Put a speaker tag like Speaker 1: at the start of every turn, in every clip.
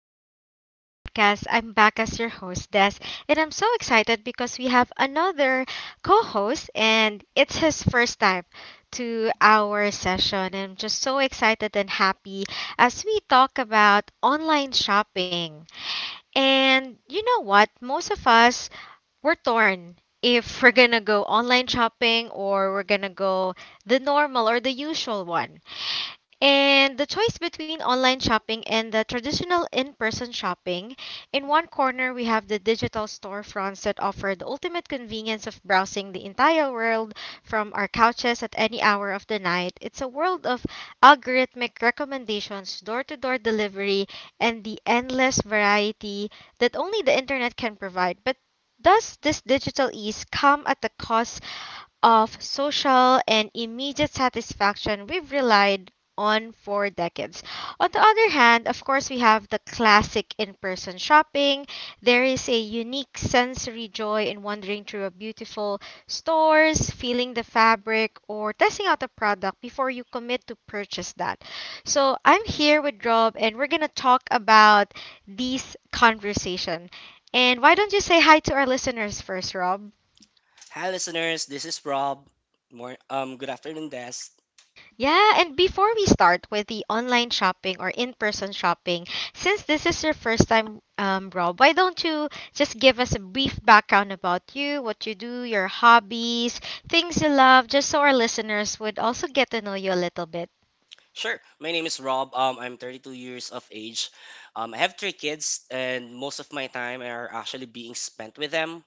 Speaker 1: to the Lifestyle Podcast. I'm back as your host, Des, and I'm so excited because we have another co host, and it's his first time to our session. And I'm just so excited and happy as we talk about online shopping. And you know what? Most of us we're torn if we're gonna go online shopping or we're gonna go the normal or the usual one. And the choice between online shopping and the traditional in person shopping. In one corner, we have the digital storefronts that offer the ultimate convenience of browsing the entire world from our couches at any hour of the night. It's a world of algorithmic recommendations, door to door delivery, and the endless variety that only the internet can provide. But does this digital ease come at the cost of social and immediate satisfaction we've relied on for decades. On the other hand, of course, we have the classic in person shopping. There is a unique sensory joy in wandering through a beautiful stores, feeling the fabric, or testing out a product before you commit to purchase that. So I'm here with Rob, and we're gonna talk about this conversation. And why don't you say hi to our listeners first, Rob?
Speaker 2: Hi, listeners. This is Rob. Good afternoon, Des.
Speaker 1: Yeah, and before we start with the online shopping or in person shopping, since this is your first time, Rob, why don't you just give us a brief background about you, what you do, your hobbies, things you love, just so our listeners would also get to know you a little bit?
Speaker 2: Sure. My name is Rob. I'm 32 years of age. I have three kids, and most of my time are actually being spent with them.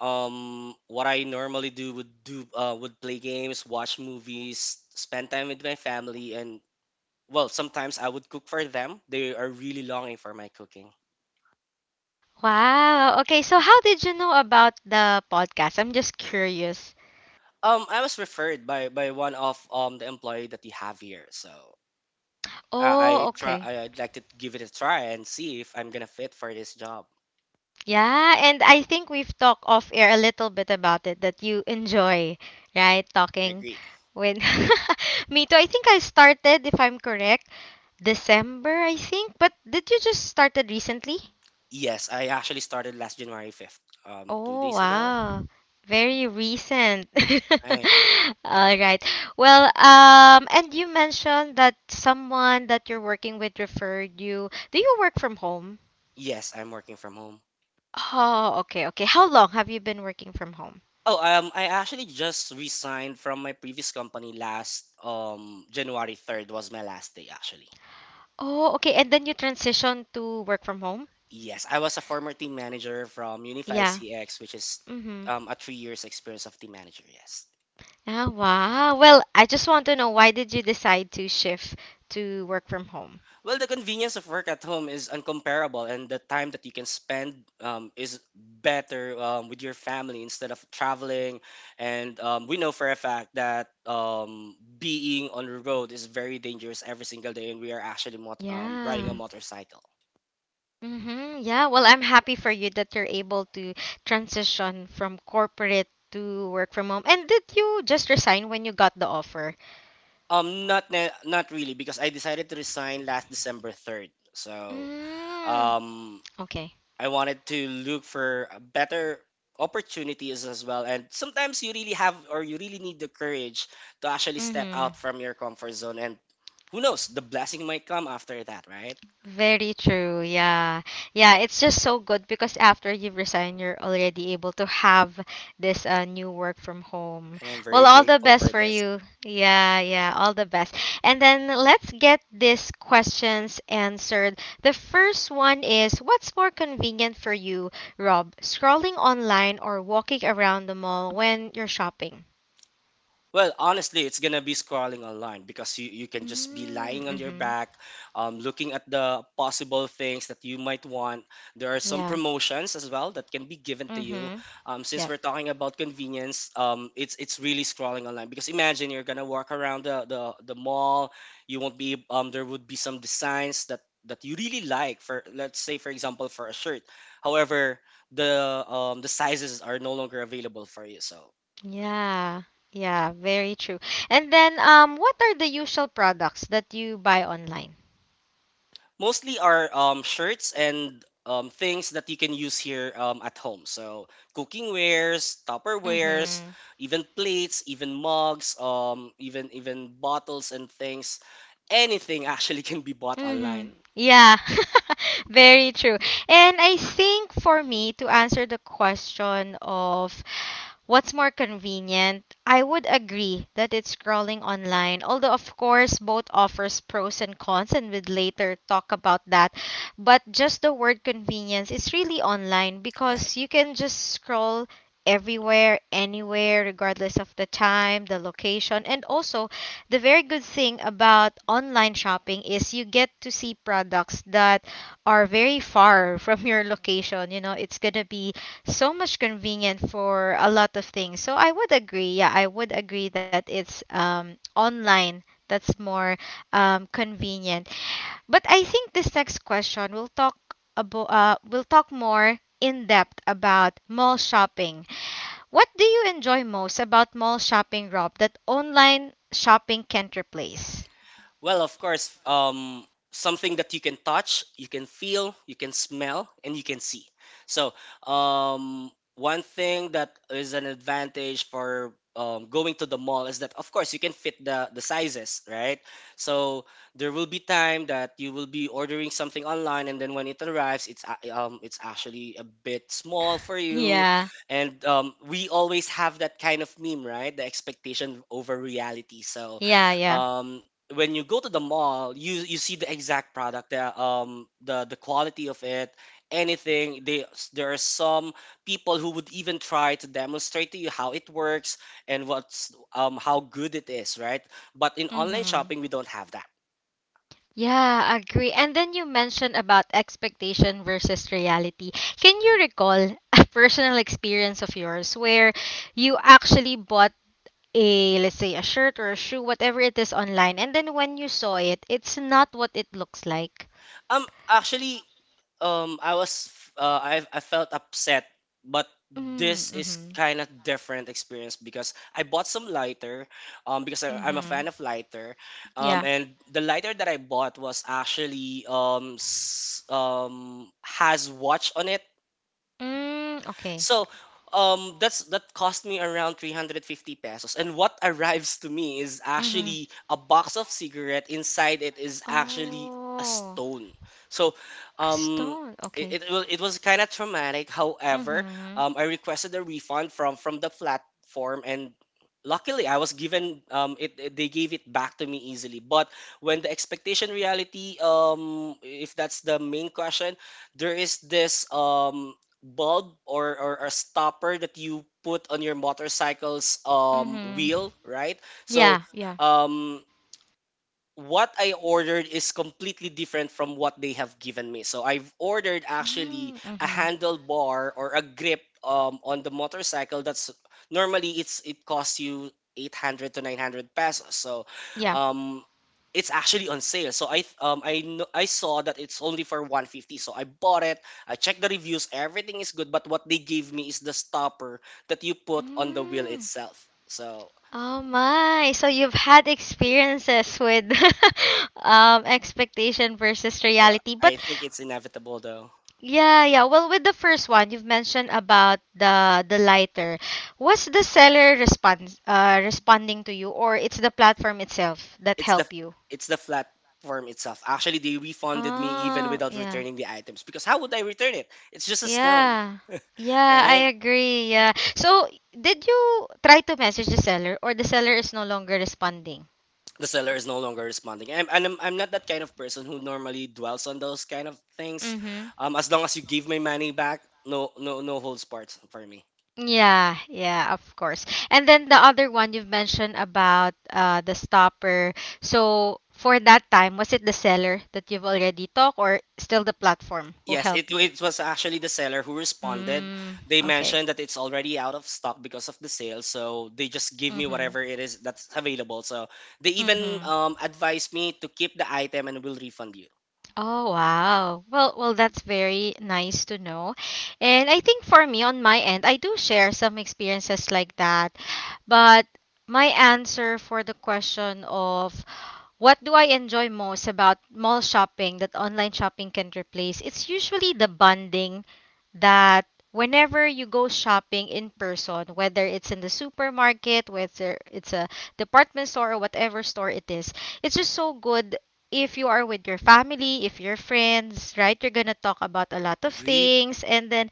Speaker 2: What I normally do would play games, watch movies, spend time with my family, and well, sometimes I would cook for them. They are really longing for my cooking.
Speaker 1: Wow. Okay, so how did you know about the podcast? I'm just curious.
Speaker 2: I was referred by one of the employee that you have here. So
Speaker 1: Oh,
Speaker 2: I try.
Speaker 1: okay.
Speaker 2: I'd like to give it a try and see if I'm gonna fit for this job.
Speaker 1: Yeah, and I think we've talked off air a little bit about it that you enjoy, right?
Speaker 2: I
Speaker 1: Talking
Speaker 2: agree.
Speaker 1: with me too. I think I started, if I'm correct, December, I think. But did you just started recently?
Speaker 2: Yes, I actually started last January 5th, two
Speaker 1: Oh,
Speaker 2: days ago.
Speaker 1: wow. Very recent.
Speaker 2: I
Speaker 1: All right. Well, and you mentioned that someone that you're working with referred you. Do you work from home?
Speaker 2: yes, I'm working from home.
Speaker 1: Oh, okay, okay. How long have you been working from home?
Speaker 2: Oh, I actually just resigned from my previous company last January 3rd was my last day actually.
Speaker 1: Oh, okay. And then you transition to work from home?
Speaker 2: Yes, I was a former team manager from Unify
Speaker 1: Yeah.
Speaker 2: CX, which is
Speaker 1: Mm-hmm.
Speaker 2: a 3 years experience of team manager. Yes.
Speaker 1: Ah, wow. Well, I just want to know why did you decide to shift to work from home?
Speaker 2: Well, the convenience of work at home is uncomparable, and the time that you can spend is better with your family instead of traveling. And we know for a fact that being on the road is very dangerous every single day, and we are actually riding a
Speaker 1: Yeah.
Speaker 2: motorcycle.
Speaker 1: Mm-hmm. Yeah. Well, I'm happy for you that you're able to transition from corporate to work from home. And did you just resign when you got the offer?
Speaker 2: Not not really, because I decided to resign last December 3rd. So
Speaker 1: Mm.
Speaker 2: um,
Speaker 1: Okay.
Speaker 2: I wanted to look for a better opportunities as well. And sometimes you really have or you really need the courage to actually step out
Speaker 1: Mm-hmm.
Speaker 2: from your comfort zone. And who knows, the blessing might come after that, right?
Speaker 1: Very true. Yeah. Yeah, it's just so good because after you resign, you're already able to have this new work from home.
Speaker 2: And I'm
Speaker 1: Well,
Speaker 2: very
Speaker 1: all the
Speaker 2: grateful
Speaker 1: best
Speaker 2: for
Speaker 1: for
Speaker 2: this.
Speaker 1: you. Yeah, yeah, all the best. And then let's get these questions answered. The first one is what's more convenient for you, Rob? Scrolling online or walking around the mall when you're shopping?
Speaker 2: Well, honestly, it's gonna be scrolling online because you can just be
Speaker 1: Mm-hmm.
Speaker 2: lying on your
Speaker 1: Mm-hmm.
Speaker 2: back, looking at the possible things that you might want. There are some
Speaker 1: Yeah.
Speaker 2: promotions as well that can be given to you.
Speaker 1: Mm-hmm.
Speaker 2: Since
Speaker 1: Yep.
Speaker 2: we're talking about convenience, it's really scrolling online because imagine you're gonna walk around the mall. You won't be There would be some designs that you really like for let's say for example for a shirt. However, the sizes are no longer available for you. So
Speaker 1: Yeah. Yeah, very true. And then what are the usual products that you buy online?
Speaker 2: mostly are shirts and things that you can use here at home. So cooking wares, Tupperwares,
Speaker 1: Mhm.
Speaker 2: even plates, even mugs, even bottles and things. Anything actually can be bought
Speaker 1: Mm-hmm.
Speaker 2: online,
Speaker 1: Yeah, very true. And I think for me, to answer the question of what's more convenient, I would agree that it's scrolling online. Although, of course, both offers pros and cons, and we'd later talk about that. But just the word convenience is really online
Speaker 2: right?
Speaker 1: because you can just scroll everywhere, anywhere, regardless of the time, the location, and also the very good thing about online shopping is you get to see products that are very far from your location. You know, it's going to be so much convenient for a lot of things. So I would agree. Yeah, I would agree that it's online that's more convenient. But I think this next question will talk about we'll talk more in depth about mall shopping what do you enjoy most about mall shopping, Rob, that online shopping can't replace?
Speaker 2: Well, of course, something that you can touch, you can feel, you can smell, and you can see. So, um, one thing that is an advantage for going to the mall is that, of course, you can fit the sizes, right? So, there will be time that you will be ordering something online, and then when it arrives, it's actually a bit small for you.
Speaker 1: Yeah,
Speaker 2: And we always have that kind of meme, right? The expectation over reality. So,
Speaker 1: yeah, yeah.
Speaker 2: um, when you go to the mall, you see the exact product, the quality of it, anything. They There are some people who would even try to demonstrate to you how it works and what's how good it is, right? But in online shopping,
Speaker 1: Mm-hmm.
Speaker 2: we don't have that.
Speaker 1: Yeah, agree. And then you mentioned about expectation versus reality. Can you recall a personal experience of yours where you actually bought a, let's say, a shirt or a shoe, whatever it is online, and then when you saw it, it's not what it looks like?
Speaker 2: Actually, I was, f- I felt upset, but this is
Speaker 1: Mm-hmm.
Speaker 2: kind of different experience because I bought some lighter, I'm a fan
Speaker 1: Mm-hmm.
Speaker 2: of lighter,
Speaker 1: Yeah.
Speaker 2: and the lighter that I bought was actually has watch on it.
Speaker 1: Mm, okay.
Speaker 2: So that cost me around 350 pesos. And what arrives to me is
Speaker 1: Mm-hmm.
Speaker 2: actually a box of cigarette. Inside it is actually a
Speaker 1: Oh,
Speaker 2: stone. So
Speaker 1: a
Speaker 2: um,
Speaker 1: stone. Okay.
Speaker 2: it was kind of traumatic. However,
Speaker 1: Mm-hmm.
Speaker 2: I requested a refund from the platform and luckily I was given they gave it back to me easily but when the expectation reality if that's the main question there is this bulb or a stopper that you put on your motorcycle's
Speaker 1: Mm-hmm.
Speaker 2: wheel, right? So
Speaker 1: Yeah, yeah.
Speaker 2: um what I ordered is completely different from what they have given me. So I've ordered actually a
Speaker 1: Mm-hmm.
Speaker 2: handlebar or a grip on the motorcycle. That's normally it costs you 800 to 900 pesos. So
Speaker 1: Yeah.
Speaker 2: um, it's actually on sale. So I saw that it's only for 150. So I bought it. I checked the reviews. Everything is good. But what they gave me is the stopper that you put on the wheel
Speaker 1: Mm.
Speaker 2: itself. So
Speaker 1: Oh my. So you've had experiences with expectation versus
Speaker 2: well,
Speaker 1: reality. But
Speaker 2: I think it's inevitable though.
Speaker 1: yeah, yeah. Well, with the first one, you've mentioned about the lighter. Was the seller response responding to you or it's the platform itself that
Speaker 2: It's the
Speaker 1: help you?
Speaker 2: it's the platform itself. Actually, they refunded me even
Speaker 1: Ah,
Speaker 2: without
Speaker 1: yeah.
Speaker 2: returning the items because how would I return it? It's just a stone,
Speaker 1: Yeah. Yeah, I
Speaker 2: right?
Speaker 1: agree. Yeah. So, did you try to message the seller or the seller is no longer responding?
Speaker 2: The seller is no longer responding, and I'm not that kind of person who normally dwells on those kind of things.
Speaker 1: Mm-hmm.
Speaker 2: As long as you give my money back, no holds barred for me.
Speaker 1: Yeah, yeah, of course. And then the other one you've mentioned about the stopper. So for that time, was it the seller that you've already talked or still the platform who
Speaker 2: Yes,
Speaker 1: helped you?
Speaker 2: it was actually the seller who responded.
Speaker 1: Mm,
Speaker 2: They
Speaker 1: okay.
Speaker 2: mentioned that it's already out of stock because of the sale, so they just give me
Speaker 1: Mm-hmm.
Speaker 2: whatever it is that's available. So they even
Speaker 1: Mm-hmm.
Speaker 2: advised me to keep the item and will refund you.
Speaker 1: Oh wow. Well well that's very nice to know. And I think for me on my end I do share some experiences like that. But my answer for the question of what do I enjoy most about mall shopping that online shopping can replace? It's usually the bonding that whenever you go shopping in person, whether it's in the supermarket, whether it's a department store or whatever store it is, it's just so good if you are with your family, if you're friends, right? You're gonna talk about a lot of
Speaker 2: Agreed.
Speaker 1: things and then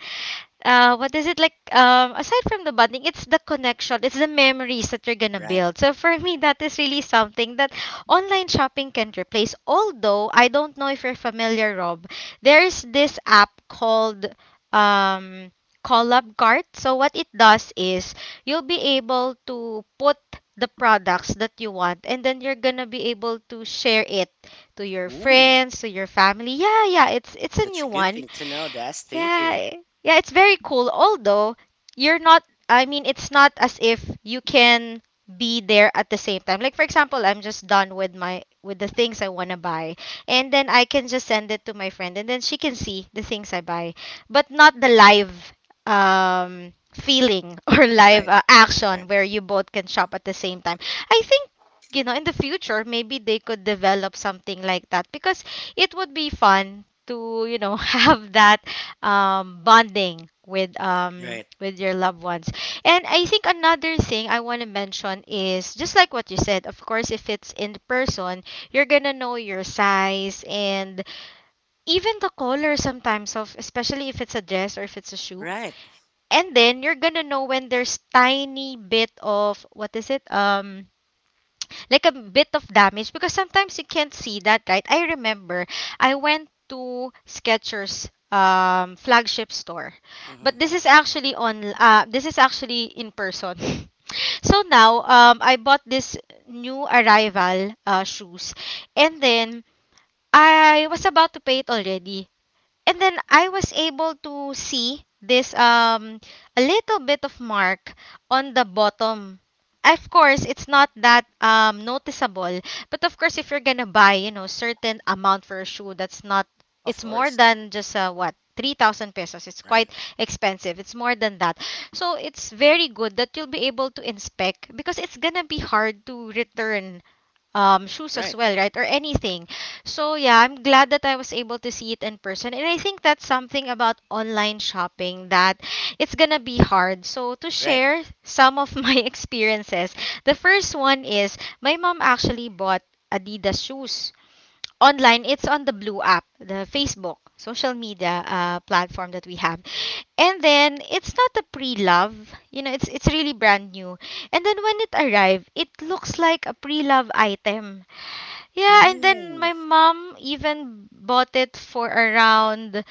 Speaker 1: what is it like? Aside from the bonding, it's the connection, it's the memories that you're gonna
Speaker 2: Right.
Speaker 1: build. So for me, that is really something that online shopping can replace. Although I don't know if you're familiar, Rob, there's this app called um, Collab Cart. So what it does is you'll be able to put the products that you want, and then you're gonna be able to share it to your
Speaker 2: Ooh,
Speaker 1: friends, to your family. Yeah, yeah, it's a
Speaker 2: that's a
Speaker 1: new
Speaker 2: good
Speaker 1: one
Speaker 2: thing to know, Des. Thank
Speaker 1: yeah,
Speaker 2: you.
Speaker 1: yeah, it's very cool. Although you're not, I mean, it's not as if you can be there at the same time. Like for example, I'm just done with my with the things I want to buy, and then I can just send it to my friend, and then she can see the things I buy, but not the live feeling or live
Speaker 2: Right,
Speaker 1: action
Speaker 2: right,
Speaker 1: where you both can shop at the same time. I think you know in the future maybe they could develop something like that because it would be fun to have that bonding
Speaker 2: right,
Speaker 1: with your loved ones. And I think another thing I want to mention is just like what you said, of course, if it's in person, you're gonna know your size and even the color sometimes of, especially if it's a dress or if it's a shoe.
Speaker 2: right.
Speaker 1: And then you're gonna know when there's tiny bit of what is it? Like a bit of damage because sometimes you can't see that, right? I remember I went to Skechers flagship store. But
Speaker 2: Hmm.
Speaker 1: this is actually on this is actually in person. so now I bought this new arrival shoes and then I was about to pay it already and then I was able to see this a little bit of mark on the bottom. Of course, it's not that noticeable, but of course, if you're gonna buy, you know, certain amount for a shoe, that's not.
Speaker 2: Of
Speaker 1: It's more
Speaker 2: course.
Speaker 1: than just what 3,000 pesos. It's
Speaker 2: Right,
Speaker 1: quite expensive. It's more than that. So it's very good that you'll be able to inspect because it's gonna be hard to return shoes as
Speaker 2: right,
Speaker 1: well, right? Or anything. So yeah, I'm glad that I was able to see it in person. And I think that's something about online shopping that it's gonna be hard. So to
Speaker 2: right.
Speaker 1: share some of my experiences, the first one is my mom actually bought Adidas shoes online. It's on the Blue app, the Facebook social media platform that we have. And then it's not a pre-love, you know, it's really brand new. And then when it arrived, it looks like a pre-love item yeah, and then my
Speaker 2: Ooh,
Speaker 1: mom even bought it for around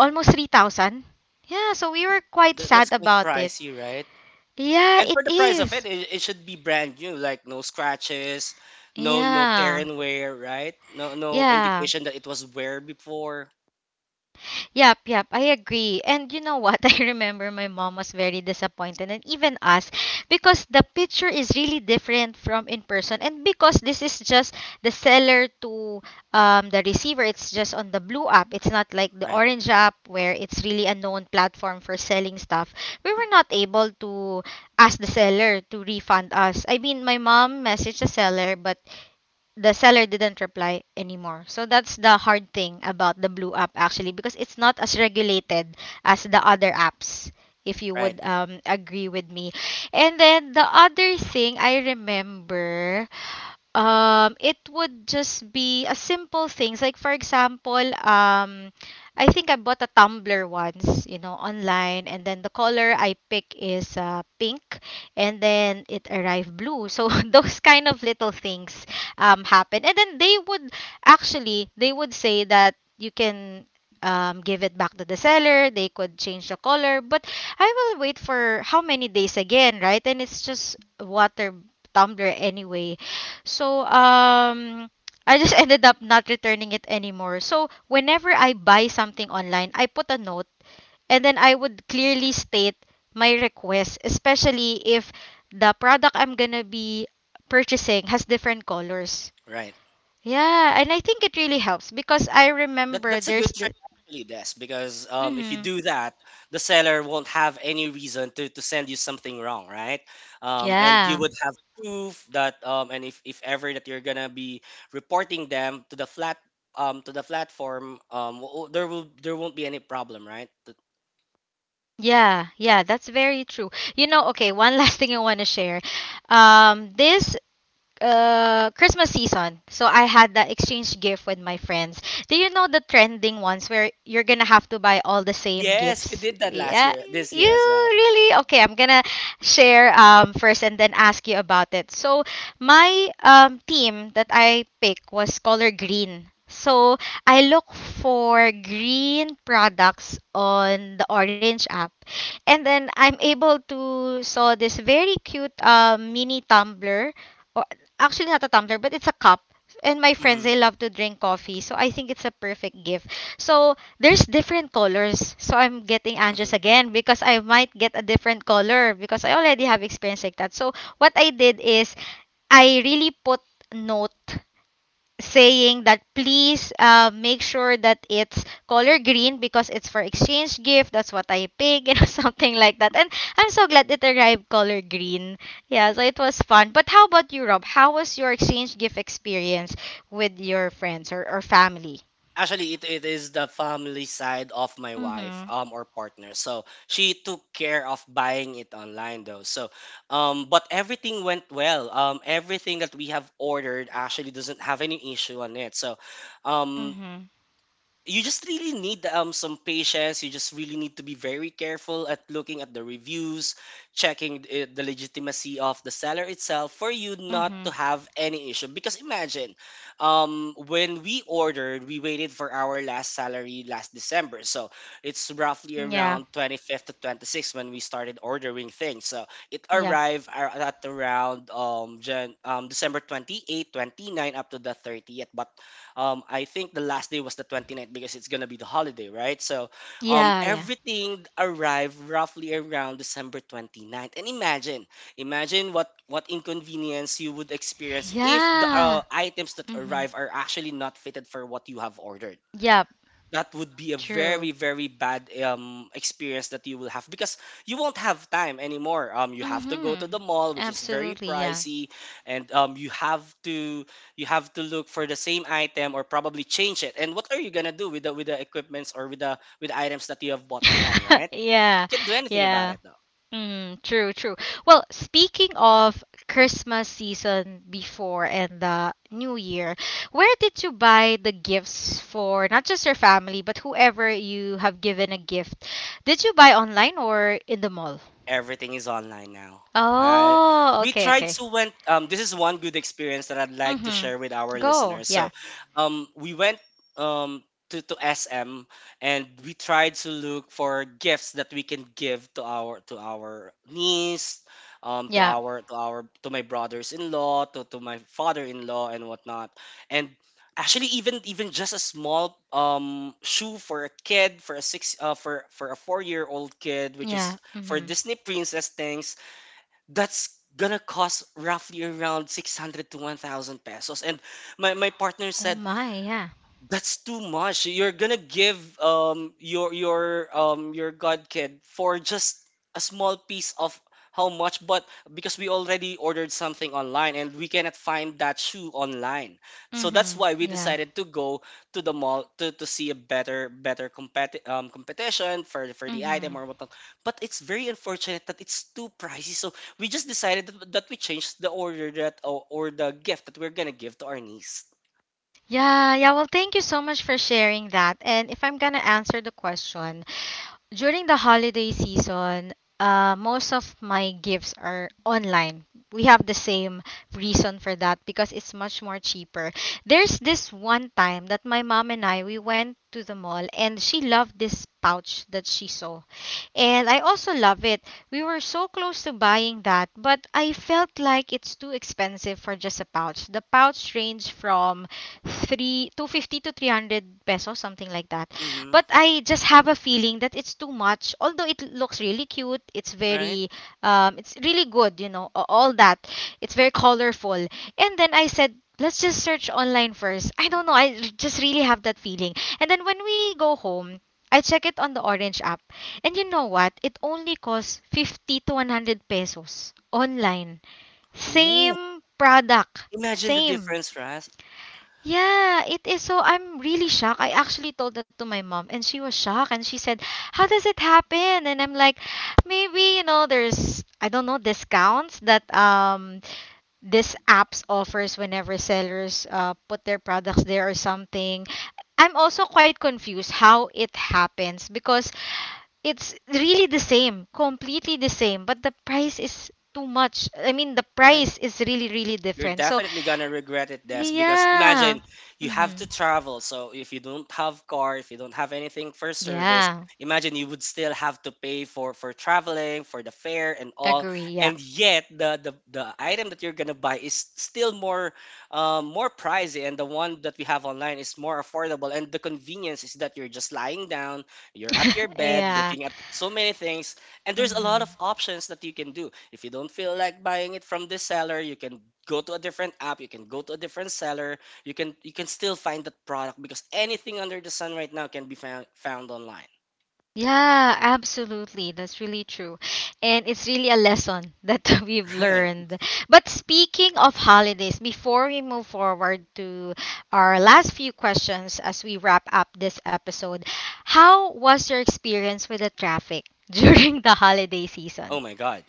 Speaker 1: almost 3,000. Yeah, so we were quite sad
Speaker 2: that's quite
Speaker 1: about it.
Speaker 2: pricey, right?
Speaker 1: Yeah,
Speaker 2: And
Speaker 1: it
Speaker 2: for the price of it,
Speaker 1: is.
Speaker 2: it should be brand new, like no scratches, no tear
Speaker 1: Yeah.
Speaker 2: and wear, right? No
Speaker 1: Yeah.
Speaker 2: indication that it was wear before.
Speaker 1: Yep, yep, I agree. And you know what? I remember my mom was very disappointed, and even us, because the picture is really different from in person. And because this is just the seller to the receiver, it's just on the blue app. It's not like the
Speaker 2: Right,
Speaker 1: orange app where it's really a known platform for selling stuff. We were not able to ask the seller to refund us. I mean, my mom messaged the seller, but the seller didn't reply anymore. So that's the hard thing about the Blue app actually because it's not as regulated as the other apps if you
Speaker 2: right,
Speaker 1: would agree with me. And then the other thing I remember it would just be a simple things like for example I think I bought a tumbler once, you know, online and then the color I pick is pink and then it arrived blue. So those kind of little things happen and then they would actually they would say that you can give it back to the seller, they could change the color, but I will wait for how many days again, right? And it's just water tumbler anyway. So I just ended up not returning it anymore. So whenever I buy something online, I put a note and then I would clearly state my request, especially if the product I'm gonna be purchasing has different colors.
Speaker 2: right.
Speaker 1: Yeah, and I think it really helps because I
Speaker 2: That
Speaker 1: remember
Speaker 2: that's a
Speaker 1: there's
Speaker 2: good trick
Speaker 1: the
Speaker 2: actually, Des, because if you
Speaker 1: hmm.
Speaker 2: do that, the seller won't have any reason to send you something wrong, right? And you
Speaker 1: Yeah.
Speaker 2: would have proof that and if ever that you're gonna be reporting them to the flat to the platform there won't be any problem, right?
Speaker 1: Yeah, yeah, that's very true. You know, okay, one last thing I want to share. This Christmas season. So I had that exchange gift with my friends. Do you know the trending ones where you're gonna have to buy all the same
Speaker 2: Yes, we
Speaker 1: gifts?
Speaker 2: did that
Speaker 1: Yeah.
Speaker 2: last year, this year
Speaker 1: You
Speaker 2: as well.
Speaker 1: really okay? I'm gonna share first and then ask you about it. So my team that I picked was color green. So I look for green products on the Orange app, and then I'm able to saw this very cute mini tumbler, actually not a tumbler, but it's a cup. And my friends,
Speaker 2: Hmm.
Speaker 1: they love to drink coffee. So I think it's a perfect gift. So there's different colors. So I'm getting anxious
Speaker 2: Hmm.
Speaker 1: again because I might get a different color because I already have experience like that. So what I did is I really put note saying that, please make sure that it's color green because it's for exchange gift. That's what I pick, you know, something like that. And I'm so glad it arrived color green. Yeah, so it was fun. But how about you, Rob? How was your exchange gift experience with your friends or, family?
Speaker 2: Actually, it is the family side of my
Speaker 1: Mm-hmm.
Speaker 2: wife, or partner. So she took care of buying it online though. So, but everything went well. Everything that we have ordered actually doesn't have any issue on it. So, um,
Speaker 1: Mm-hmm.
Speaker 2: you just really need some patience. You just really need to be very careful at looking at the reviews, checking the the legitimacy of the seller itself for you not
Speaker 1: Mm-hmm.
Speaker 2: to have any issue. Because imagine, when we ordered, we waited for our last salary last December, so it's roughly
Speaker 1: Yeah.
Speaker 2: around 25th to 26th when we started ordering things. So it
Speaker 1: Yeah.
Speaker 2: arrived at around December 28th, twenty ninth up to the 30th, but I think the last day was the twenty ninth because it's gonna be the holiday, right? So
Speaker 1: Yeah. Yeah.
Speaker 2: everything arrived roughly around December 29th. And imagine, imagine what inconvenience you would experience if the
Speaker 1: Yeah.
Speaker 2: items that
Speaker 1: Mm-hmm.
Speaker 2: arrive are actually not fitted for what you have ordered.
Speaker 1: Yeah.
Speaker 2: That would be a
Speaker 1: True.
Speaker 2: very bad experience that you will have because you won't have time anymore. You have to go to
Speaker 1: Mm-hmm.
Speaker 2: the mall, which is very
Speaker 1: Absolutely. Yeah.
Speaker 2: pricey, and you have to look for the same item or probably change it. And what are you going to do with the equipments or with the items that you have bought online, right?
Speaker 1: yeah.
Speaker 2: Can't do anything about
Speaker 1: Yeah.
Speaker 2: it.
Speaker 1: Mm, true, true. Well, speaking of Christmas season before and the New Year, where did you buy the gifts for not just your family, but whoever you have given a gift? Did you buy online or in the mall?
Speaker 2: Everything is online now. I
Speaker 1: Oh,
Speaker 2: We
Speaker 1: okay,
Speaker 2: tried
Speaker 1: okay.
Speaker 2: to went this is one good experience that I'd like to
Speaker 1: Mm-hmm.
Speaker 2: share with our
Speaker 1: Go.
Speaker 2: listeners. So
Speaker 1: Yeah.
Speaker 2: we went um to SM and we tried to look for gifts that we can give to our niece, to
Speaker 1: Yeah.
Speaker 2: our to our to my brothers in law, to my father in law and whatnot. And actually even just a small shoe for a kid, for a 4 year old kid, which is
Speaker 1: Yeah.
Speaker 2: for
Speaker 1: Mm-hmm.
Speaker 2: Disney Princess things, that's gonna cost roughly around 600 to 1,000 pesos. And my partner
Speaker 1: Oh
Speaker 2: said,
Speaker 1: my, yeah.
Speaker 2: that's too much. You're gonna give your god kid for just a small piece of how much, but because we already ordered something online and we cannot find that shoe online. So that's
Speaker 1: Mm-hmm.
Speaker 2: why we
Speaker 1: Yeah.
Speaker 2: decided to go to the mall to see a better competition for the item
Speaker 1: Mm-hmm.
Speaker 2: or whatnot. But it's very unfortunate that it's too pricey. So we just decided that we changed the order that or the gift that we're gonna give to our niece.
Speaker 1: Yeah, yeah. Well, thank you so much for sharing that. And if I'm gonna answer the question, during the holiday season, most of my gifts are online. We have the same reason for that because it's much more cheaper. There's this one time that my mom and I, we went to the mall and she loved this pouch that she saw. And I also love it. We were so close to buying that, but I felt like it's too expensive for just a pouch. The pouch ranged from 3 250 to 300 pesos, something like that,
Speaker 2: Mm-hmm.
Speaker 1: but I just have a feeling that it's too much. Although it looks really cute, it's
Speaker 2: Right?
Speaker 1: very, it's really good, you know, a- all that. It's very colorful. And then I said, let's just search online first. I don't know, I r- just really have that feeling. And then when we go home, I check it on the Orange app. And you know what? It only costs 50 to 100 pesos online.
Speaker 2: Ooh,
Speaker 1: Same product,
Speaker 2: imagine the
Speaker 1: same.
Speaker 2: difference, right?
Speaker 1: Yeah, it is. So I'm really shocked. I actually told that to my mom and she was shocked and she said, "How does it happen?" And I'm like, "Maybe, you know, there's I don't know, discounts that this apps offers whenever sellers put their products there or something." I'm also quite confused how it happens because it's really the same, completely the same, but the price is too much. I mean, the
Speaker 2: Right.
Speaker 1: price is really, really
Speaker 2: You're
Speaker 1: different. So
Speaker 2: definitely gonna regret it, Des, because
Speaker 1: yeah.
Speaker 2: imagine you have
Speaker 1: Mm-hmm.
Speaker 2: to travel. So if you don't have car, if you don't have anything for service,
Speaker 1: Yeah.
Speaker 2: imagine you would still have to pay for traveling, for the fare and all.
Speaker 1: Agree. Yeah.
Speaker 2: And yet the item that you're gonna buy is still more more pricey, and the one that we have online is more affordable. And the convenience is that you're just lying down, you're at your bed,
Speaker 1: Yeah.
Speaker 2: looking at so many things, and there's a lot of
Speaker 1: Mm-hmm.
Speaker 2: options that you can do. If you don't feel like buying it from this seller, you can go to a different app, you can go to a different seller, you can still find that product because anything under the sun right now can be found online.
Speaker 1: Yeah, absolutely. That's really true. And it's really a lesson that we've
Speaker 2: Right.
Speaker 1: learned. But speaking of holidays, before we move forward to our last few questions as we wrap up this episode, how was your experience with the traffic during the holiday
Speaker 2: Oh
Speaker 1: season?
Speaker 2: my god.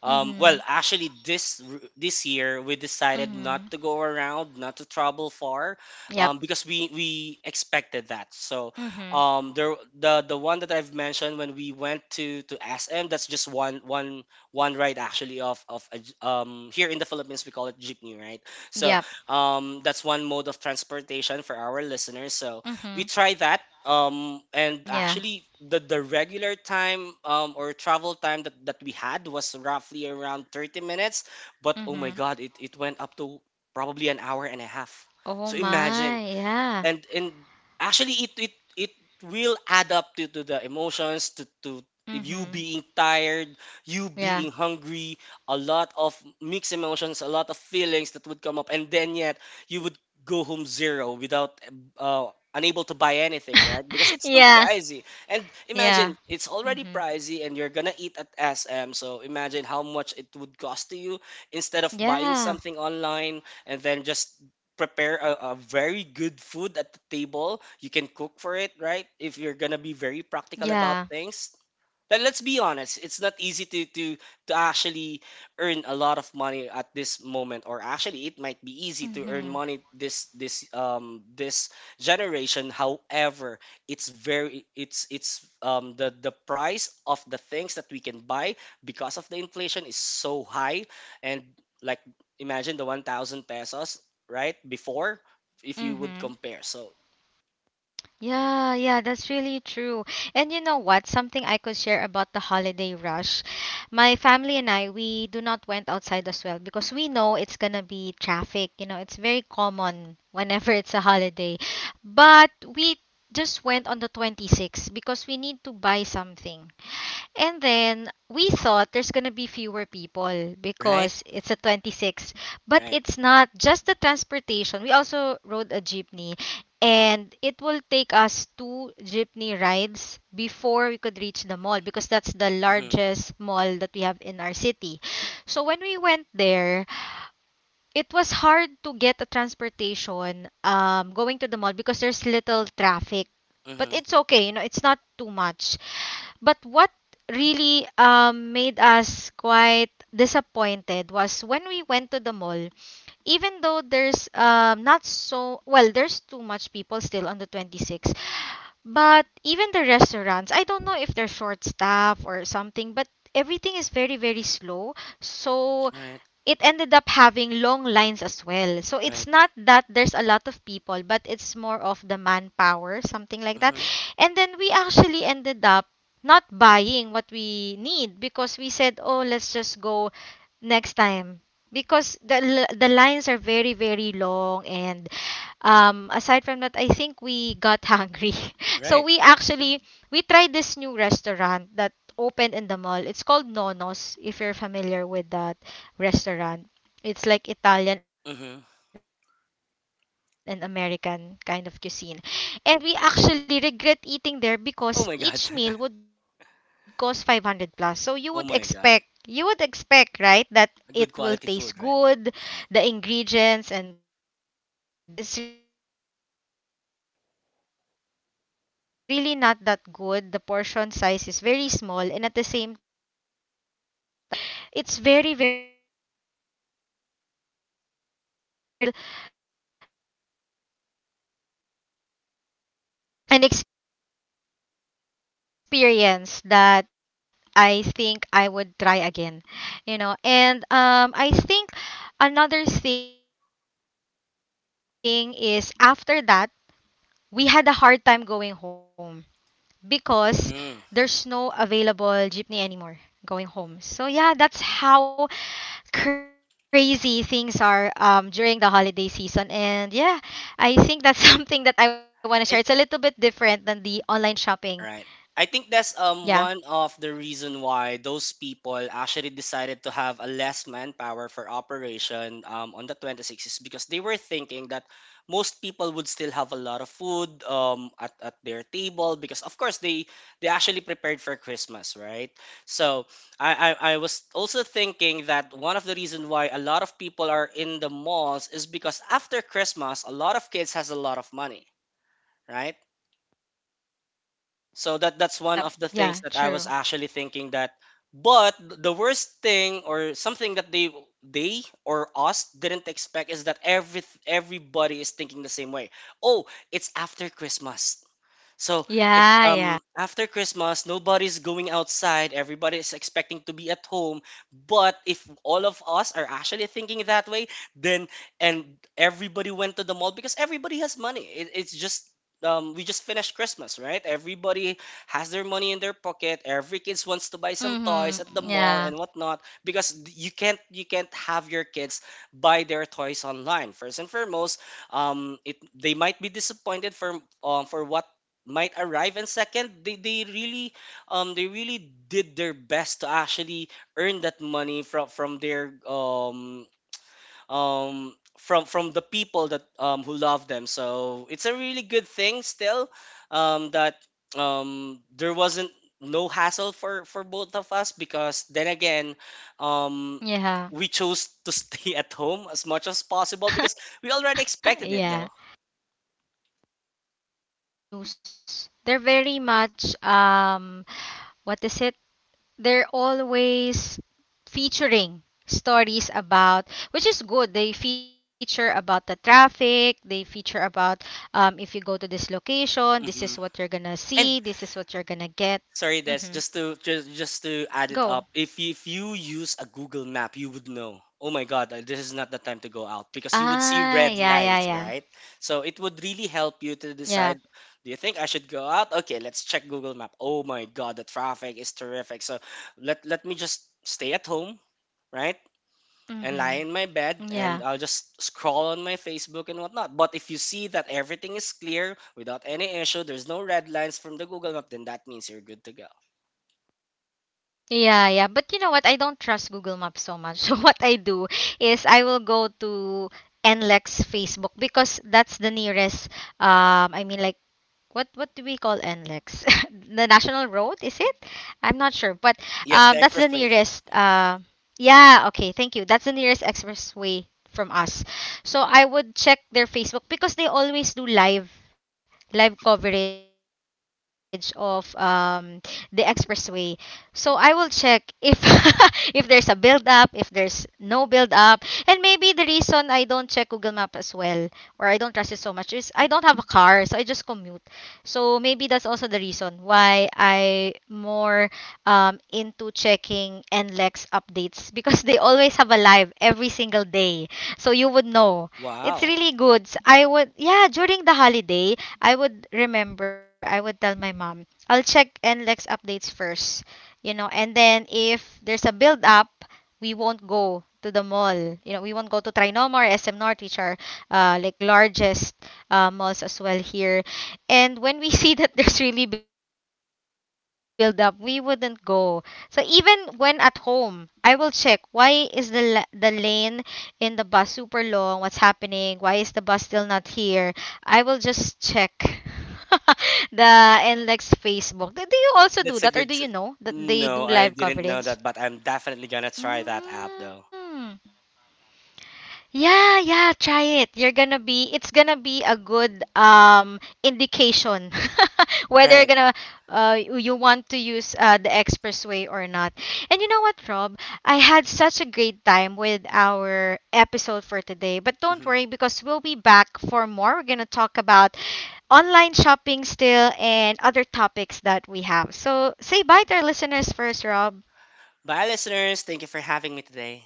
Speaker 1: Mm-hmm.
Speaker 2: Well, actually, this year we decided not
Speaker 1: Mm-hmm.
Speaker 2: to go around, not to travel far,
Speaker 1: Yep.
Speaker 2: because we expected that. So,
Speaker 1: Mm-hmm.
Speaker 2: there the one that I've mentioned when we went to SM, that's just one ride actually of a here in the Philippines we call it jeepney, right? So,
Speaker 1: Yep.
Speaker 2: that's one mode of transportation for our listeners. So, we
Speaker 1: Mm-hmm.
Speaker 2: try that and
Speaker 1: Yeah.
Speaker 2: actually the regular time or travel time that we had was roughly around 30 minutes, but oh my
Speaker 1: Mm-hmm.
Speaker 2: god, it went up to probably an hour and a half.
Speaker 1: Oh
Speaker 2: So imagine.
Speaker 1: my, yeah.
Speaker 2: And actually it will add up to the emotions to if you
Speaker 1: Mm-hmm.
Speaker 2: being tired, you
Speaker 1: Yeah.
Speaker 2: being hungry, a lot of mixed emotions, a lot of feelings that would come up, and then yet you would go home zero without uh, unable to buy anything, right? Because it's too
Speaker 1: Yeah.
Speaker 2: pricey and
Speaker 1: Yeah.
Speaker 2: imagine it's already
Speaker 1: Mm-hmm.
Speaker 2: pricey and you're gonna eat at sm, so imagine how much it would cost to you instead of buying
Speaker 1: Yeah.
Speaker 2: something online and then just prepare a very good food at the table. You can cook for it, right? If you're gonna be very practical about
Speaker 1: Yeah.
Speaker 2: things, but let's be honest, it's not easy to actually earn a lot of money at this moment, or actually it might be easy to earn
Speaker 1: Mm-hmm.
Speaker 2: money this this generation. However, it's very it's the price of the things that we can buy because of the inflation is so high, and like imagine the 1,000 pesos right before if you would
Speaker 1: Mm-hmm.
Speaker 2: compare. So
Speaker 1: Yeah, yeah, that's really true. And you know what? Something I could share about the holiday rush. My family and I, we do not went outside as well because we know it's gonna be traffic. You know, it's very common whenever it's a holiday. But we just went on the 26th because we need to buy something. And then we thought there's going to be fewer people
Speaker 2: right,
Speaker 1: because it's a 26. But
Speaker 2: right,
Speaker 1: it's not just the transportation. We also rode a jeepney.
Speaker 2: mm-hmm,
Speaker 1: And it will take us two jeepney rides before we could reach the mall because that's the
Speaker 2: mm-hmm,
Speaker 1: largest mall that we have in our city. So when we went there, it was hard to get a transportation going to the mall because there's little traffic. But
Speaker 2: mm-hmm,
Speaker 1: it's okay, you know, it's not too much. But what really made us quite disappointed was when we went to the mall, even though there's not so, well, there's too much people still on the 26. But even the restaurants, I don't know if they're short staff or something, but everything is very, very slow. So
Speaker 2: right,
Speaker 1: it ended up having long lines as well. So it's
Speaker 2: right,
Speaker 1: not that there's a lot of people, but it's more of the manpower, something like that.
Speaker 2: mm-hmm,
Speaker 1: And then we actually ended up not buying what we need because we said, oh, let's just go next time. Because the, l- the lines are very, very long, and aside from that, I think we got hungry. So
Speaker 2: right.
Speaker 1: we actually, we tried this new restaurant that opened in the mall. It's called Nonos, if you're familiar with that restaurant. It's like Italian and
Speaker 2: Mm-hmm.
Speaker 1: American kind of cuisine. And we actually regret eating there because each meal would cost 500 plus. So
Speaker 2: Oh my god.
Speaker 1: you would expect, right, that it will
Speaker 2: Oh my
Speaker 1: taste
Speaker 2: god.
Speaker 1: good, the ingredients
Speaker 2: Good
Speaker 1: and the
Speaker 2: quality food,
Speaker 1: the
Speaker 2: right?
Speaker 1: service,
Speaker 2: Right.
Speaker 1: yeah, everything. But actually it's the opposite. It's really not that good. The portion size is very small and at the same time, again, I don't know if they're just short staff or something, but it's very very slow. And then the mall's aircon is also not that cold, so I don't know. It's not really um an experience that I think I would try again, you know. And I think another thing is after that we had a hard time going home because there's no available jeepney anymore going
Speaker 2: Mm.
Speaker 1: home. So yeah, that's how crazy things are during the holiday season. And yeah, I think that's something that I want to share. It's a little bit different than the
Speaker 2: I
Speaker 1: online shopping.
Speaker 2: I
Speaker 1: Yeah.
Speaker 2: Right. I think that's one of the reason why those people actually decided to have a less manpower for operation on the 26th is because they were thinking that most people would still have a lot of food at their table because of course they actually prepared for Christmas, right? So I was also thinking that one of the reason why a lot of people are in the malls is because after Christmas a lot of kids has a lot of money. Right? So that's
Speaker 1: Yeah.
Speaker 2: one of the
Speaker 1: Yeah,
Speaker 2: things that I was
Speaker 1: true.
Speaker 2: actually thinking that, but the worst thing or something that they or us didn't expect is that everybody is thinking the same way. Oh, it's after Christmas. So it's
Speaker 1: Yeah, yeah.
Speaker 2: after Christmas, nobody's going outside. Everybody's expecting to be at home. But if all of us are actually thinking that way, then and everybody went to the mall because everybody has money. It's just we just finished Christmas, right? Everybody has their money in their pocket. Every kids wants to buy some toys at
Speaker 1: Mhm.
Speaker 2: the mall and
Speaker 1: Yeah.
Speaker 2: whatnot because you can't have your kids buy their toys online. First and foremost, it
Speaker 1: Mhm.
Speaker 2: they might be disappointed for what might arrive, and second they really they really did their best to actually earn that money from their from the people that who love them. So it's a really good thing still that there wasn't no hassle for both of us because then again, um we
Speaker 1: Yeah.
Speaker 2: chose to stay at home as much as possible because we already
Speaker 1: Yeah.
Speaker 2: expected it though.
Speaker 1: Yeah, yeah, I think the news. They're very much what is it? They're always featuring stories about, which is good, they feature about the traffic, they feature about if you go to this location, this is
Speaker 2: Hmm.
Speaker 1: what you're gonna see,
Speaker 2: And
Speaker 1: this is what you're gonna get.
Speaker 2: sorry, Des.
Speaker 1: Mm-hmm.
Speaker 2: Just to just just to
Speaker 1: Go.
Speaker 2: add it up, if you use a Google Map, you would know. Oh my God, this is not the time to go out because you
Speaker 1: Ah,
Speaker 2: would see
Speaker 1: yeah, yeah,
Speaker 2: red
Speaker 1: yeah.
Speaker 2: lines, right? So it would really help you to
Speaker 1: Yeah.
Speaker 2: decide. Do you think I should go out? Okay, let's check Google Map. Oh my God, the traffic is terrific. So let me just stay at home, right? And
Speaker 1: Mm-hmm.
Speaker 2: lie in my bed
Speaker 1: Yeah.
Speaker 2: and I'll just scroll on my Facebook and whatnot. But if you see that everything is clear without any issue, there's no red lines from the Google Map, then that means you're good to go.
Speaker 1: Yeah, yeah, but you know what, I don't trust Google Maps so much. So what I do is I will go to NLEX Facebook, because that's the nearest, I mean like what do we call NLEX? The national road, is it? I'm not sure, but
Speaker 2: Yes, the
Speaker 1: that's the
Speaker 2: expressway.
Speaker 1: nearest. Yeah, okay, thank you. That's the nearest expressway from us. So I would check their Facebook because they always do live coverage of the expressway. So I will check if if there's a build up, if there's no build up, and maybe the reason I don't check Google Map as well, or I don't trust it so much, is I don't have a car, so I just commute. So maybe that's also the reason why I more into checking NLEX updates because they always have a live every single day. So you would know. It's
Speaker 2: Wow,
Speaker 1: really good. S- I would yeah, during the holiday, I would remember, I would tell my mom, I'll check NLEX updates first. You know, and then if there's a build up, we won't go to the mall. You know, we won't go to Trinoma or SM North, which are like largest malls as well here. And when we see that there's really build up, we wouldn't go. So even when at home, I will check, why is the la- the lane in the bus super long? What's happening? Why is the bus still not here? I will just check the NLEX Facebook. Do you also do
Speaker 2: that's
Speaker 1: that,
Speaker 2: a
Speaker 1: or do
Speaker 2: good.
Speaker 1: you
Speaker 2: S
Speaker 1: know that they
Speaker 2: no,
Speaker 1: do
Speaker 2: I
Speaker 1: live
Speaker 2: didn't know that,
Speaker 1: coverage?
Speaker 2: but I'm definitely gonna try that app though.
Speaker 1: Mm. Yeah, yeah, try it. You're gonna be, it's gonna be a good indication whether you're
Speaker 2: Right.
Speaker 1: gonna you you want to use the expressway or not. And you know what, Rob? I had such a great time with our episode for today. But don't
Speaker 2: Hmm.
Speaker 1: worry because we'll be back for more. We're gonna talk about online shopping still and other topics that we have. So say bye to our listeners first, Rob.
Speaker 2: Bye, listeners. Thank you for having me today.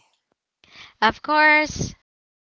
Speaker 1: Of course.